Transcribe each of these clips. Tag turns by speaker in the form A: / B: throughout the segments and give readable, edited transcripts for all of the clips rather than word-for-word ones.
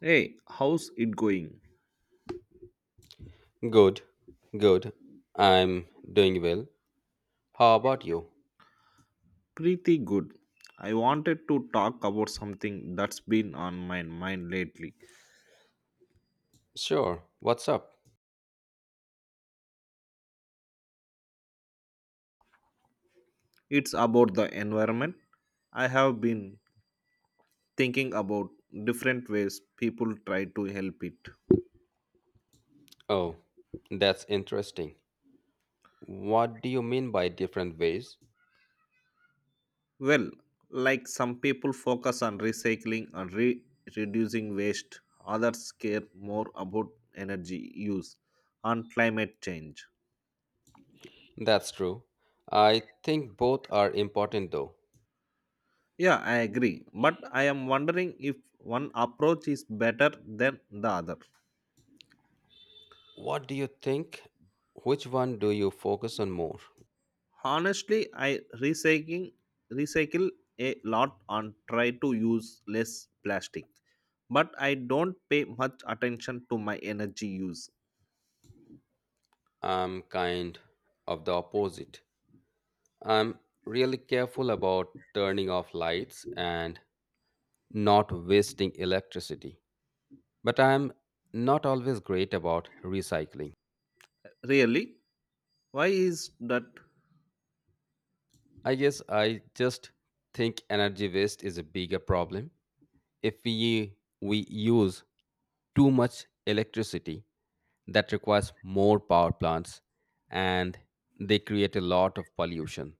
A: Hey, how's it going?
B: Good, good. I'm doing well. How about you?
A: Pretty good. I wanted to talk about something that's been on my mind lately.
B: Sure, what's up?
A: It's about the environment. I have been thinking about different ways people try to help it.
B: Oh, that's interesting. What do you mean by different ways?
A: Well, like some people focus on recycling and reducing waste, others care more about energy use and climate change.
B: That's true. I think both are important though.
A: Yeah, I agree. But I am wondering if one approach is better than the other.
B: What do you think? Which one do you focus on more?
A: Honestly, I recycling recycle a lot and try to use less plastic. But I don't pay much attention to my energy use.
B: I'm kind of the opposite. I'm really careful about turning off lights and not wasting electricity, but I'm not always great about recycling.
A: Really? Why is that?
B: I guess I just think energy waste is a bigger problem. If we use too much electricity, that requires more power plants and they create a lot of pollution.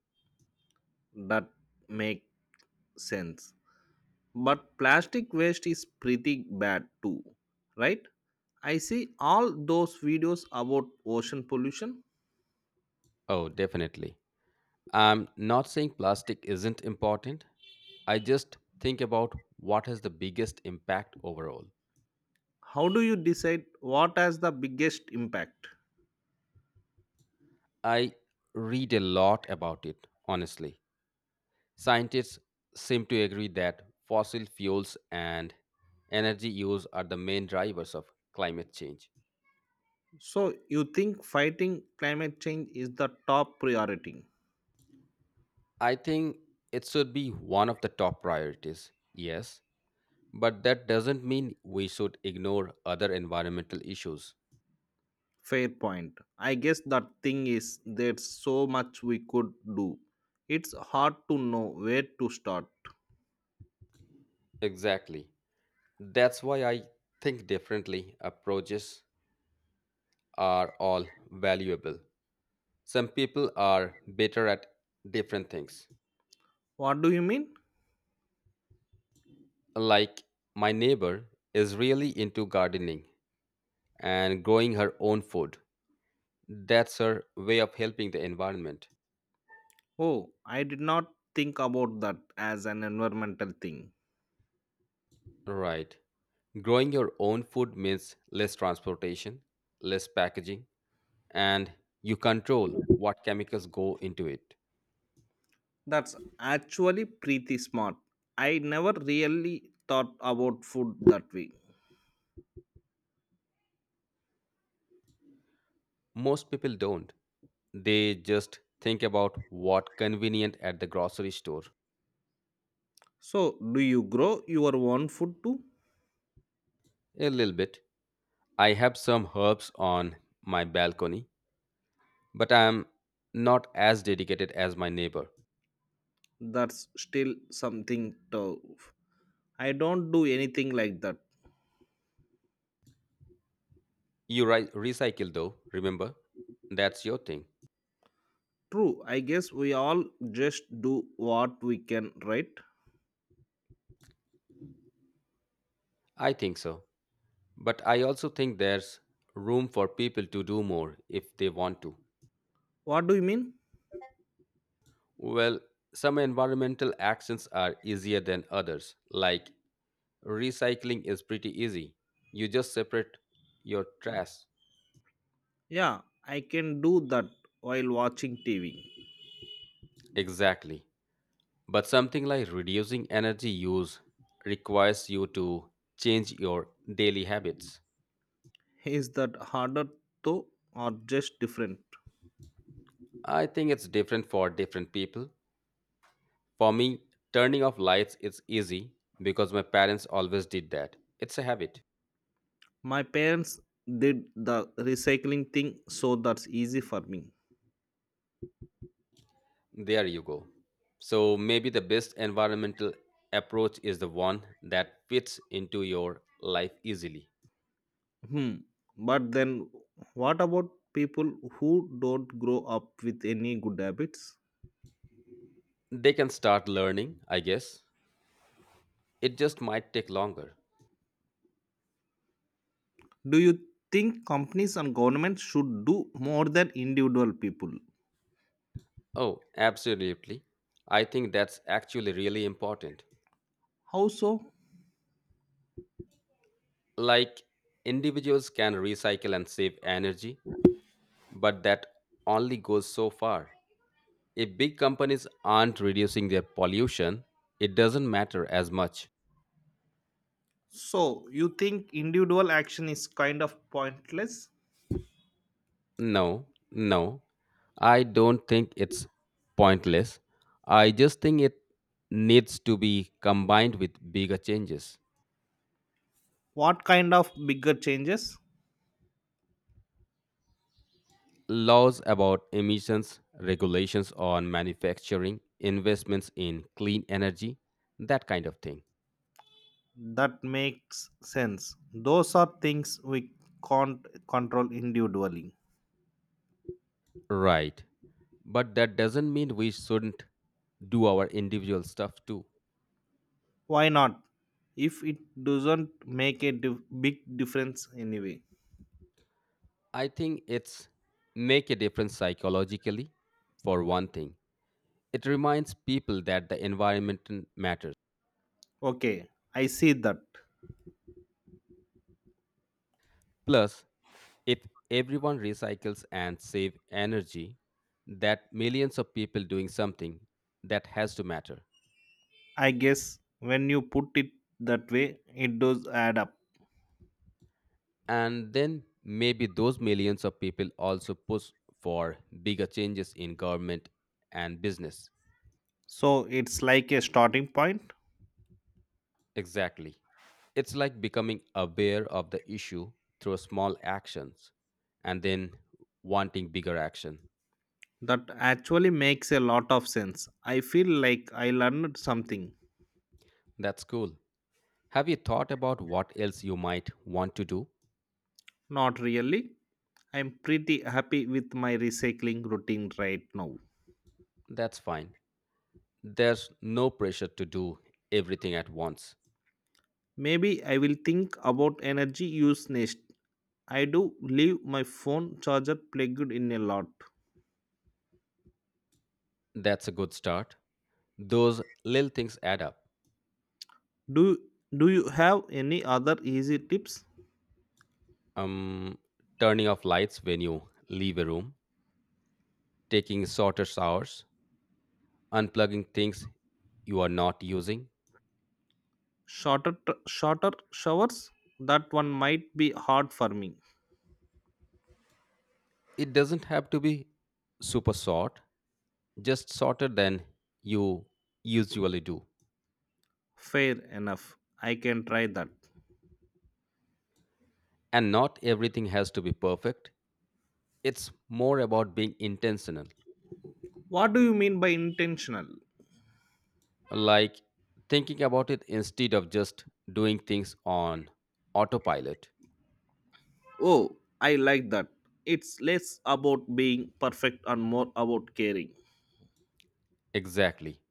A: That make sense? But plastic waste is pretty bad too, right? I see all those videos about ocean pollution.
B: Oh, definitely. I'm not saying plastic isn't important. I just think about what has the biggest impact overall.
A: How do you decide what has the biggest impact?
B: I read a lot about it, honestly. Scientists seem to agree that fossil fuels and energy use are the main drivers of climate change.
A: So you think fighting climate change is the top priority?
B: I think it should be one of the top priorities, yes, but that doesn't mean we should ignore other environmental issues.
A: Fair point. I guess the thing is there's so much we could do, it's hard to know where to start.
B: Exactly. That's why I think differently approaches are all valuable. Some people are better at different things.
A: What do you mean?
B: Like, my neighbor is really into gardening and growing her own food. That's her way of helping the environment.
A: Oh, I did not think about that as an environmental thing.
B: Right. Growing your own food means less transportation, less packaging, and you control what chemicals go into it.
A: That's actually pretty smart. I never really thought about food that way.
B: Most people don't. They just think about what convenient at the grocery store.
A: So do you grow your own food too?
B: A little bit. I have some herbs on my balcony, but I am not as dedicated as my neighbor.
A: That's still something tough. I don't do anything like that.
B: You recycle though, remember? That's your thing.
A: True, I guess we all just do what we can, right?
B: I think so. But I also think there's room for people to do more if they want to.
A: What do you mean?
B: Well, some environmental actions are easier than others. Like, recycling is pretty easy. You just separate your trash.
A: Yeah, I can do that while watching TV.
B: Exactly. But something like reducing energy use requires you to change your daily habits.
A: Is that harder though, or just different?
B: I think it's different for different people. For me, turning off lights is easy because my parents always did that. It's a habit.
A: My parents did the recycling thing, so that's easy for me.
B: There you go. So maybe the best environmental approach is the one that fits into your life easily.
A: Hmm, but then what about people who don't grow up with any good habits?
B: They can start learning, I guess. It just might take longer.
A: Do you think companies and governments should do more than individual people?
B: Oh, absolutely. I think that's actually really important.
A: How so?
B: Like, individuals can recycle and save energy, but that only goes so far. If big companies aren't reducing their pollution, it doesn't matter as much.
A: So you think individual action is kind of pointless?
B: No, no, I don't think it's pointless. I just think it needs to be combined with bigger changes.
A: What kind of bigger changes?
B: Laws about emissions, regulations on manufacturing, investments in clean energy, that kind of thing.
A: That makes sense. Those are things we can't control individually.
B: Right. But that doesn't mean we shouldn't do our individual stuff too.
A: Why not, if it doesn't make a big difference anyway?
B: I think it's make a difference psychologically for one thing. It reminds people that the environment matters.
A: Okay, I see that.
B: Plus, if everyone recycles and save energy, that millions of people doing something, that has to matter.
A: I guess when you put it that way, it does add up.
B: And then maybe those millions of people also push for bigger changes in government and business.
A: So it's like a starting point?
B: Exactly. It's like becoming aware of the issue through small actions and then wanting bigger action.
A: That actually makes a lot of sense. I feel like I learned something.
B: That's cool. Have you thought about what else you might want to do?
A: Not really. I'm pretty happy with my recycling routine right now.
B: That's fine. There's no pressure to do everything at once.
A: Maybe I will think about energy use next. I do leave my phone charger plugged in a lot.
B: That's a good start. Those little things add up.
A: Do do you have any other easy tips?
B: Um, Turning off lights when you leave a room, taking shorter showers, unplugging things you are not using,
A: Shorter showers? That one might be hard for me.
B: it doesn't have to be super short, just shorter than you usually do.
A: Fair enough. I can try that.
B: And not everything has to be perfect. It's more about being intentional,
A: What do you mean by intentional?
B: like thinking about it instead of just doing things on autopilot.
A: Oh, I like that. It's less about being perfect and more about caring.
B: Exactly.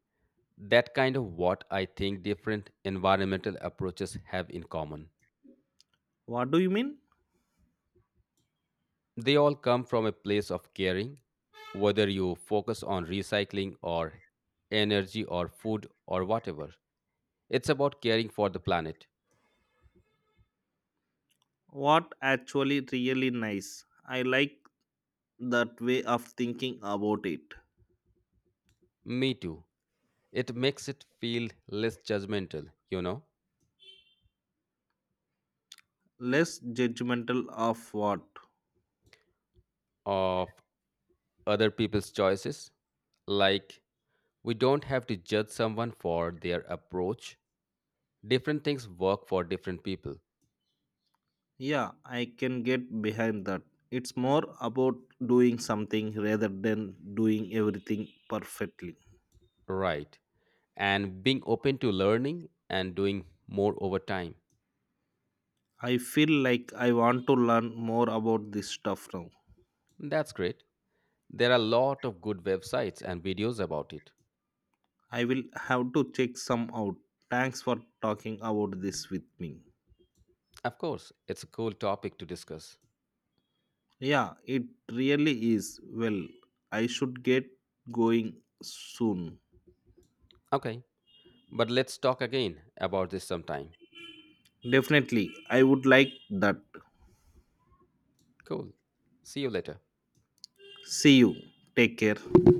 B: That kind of what I think different environmental approaches have in common.
A: What do you mean?
B: They all come from a place of caring, whether you focus on recycling or energy or food or whatever. It's about caring for the planet.
A: What? Actually really nice. I like that way of thinking about it.
B: Me too. It makes it feel less judgmental, you know,
A: Less judgmental of what?
B: of other people's choices. Like, we don't have to judge someone for their approach. Different things work for different people.
A: Yeah, I can get behind that. It's more about doing something rather than doing everything perfectly.
B: Right. And being open to learning and doing more over time.
A: I feel like I want to learn more about this stuff now.
B: That's great. There are a lot of good websites and videos about it.
A: I will have to check some out. Thanks for talking about this with me.
B: Of course, it's a cool topic to discuss.
A: Yeah, it really is. Well, I should get going soon.
B: Okay, but let's talk again about this sometime.
A: Definitely, I would like that.
B: Cool. See you later.
A: See you. Take care.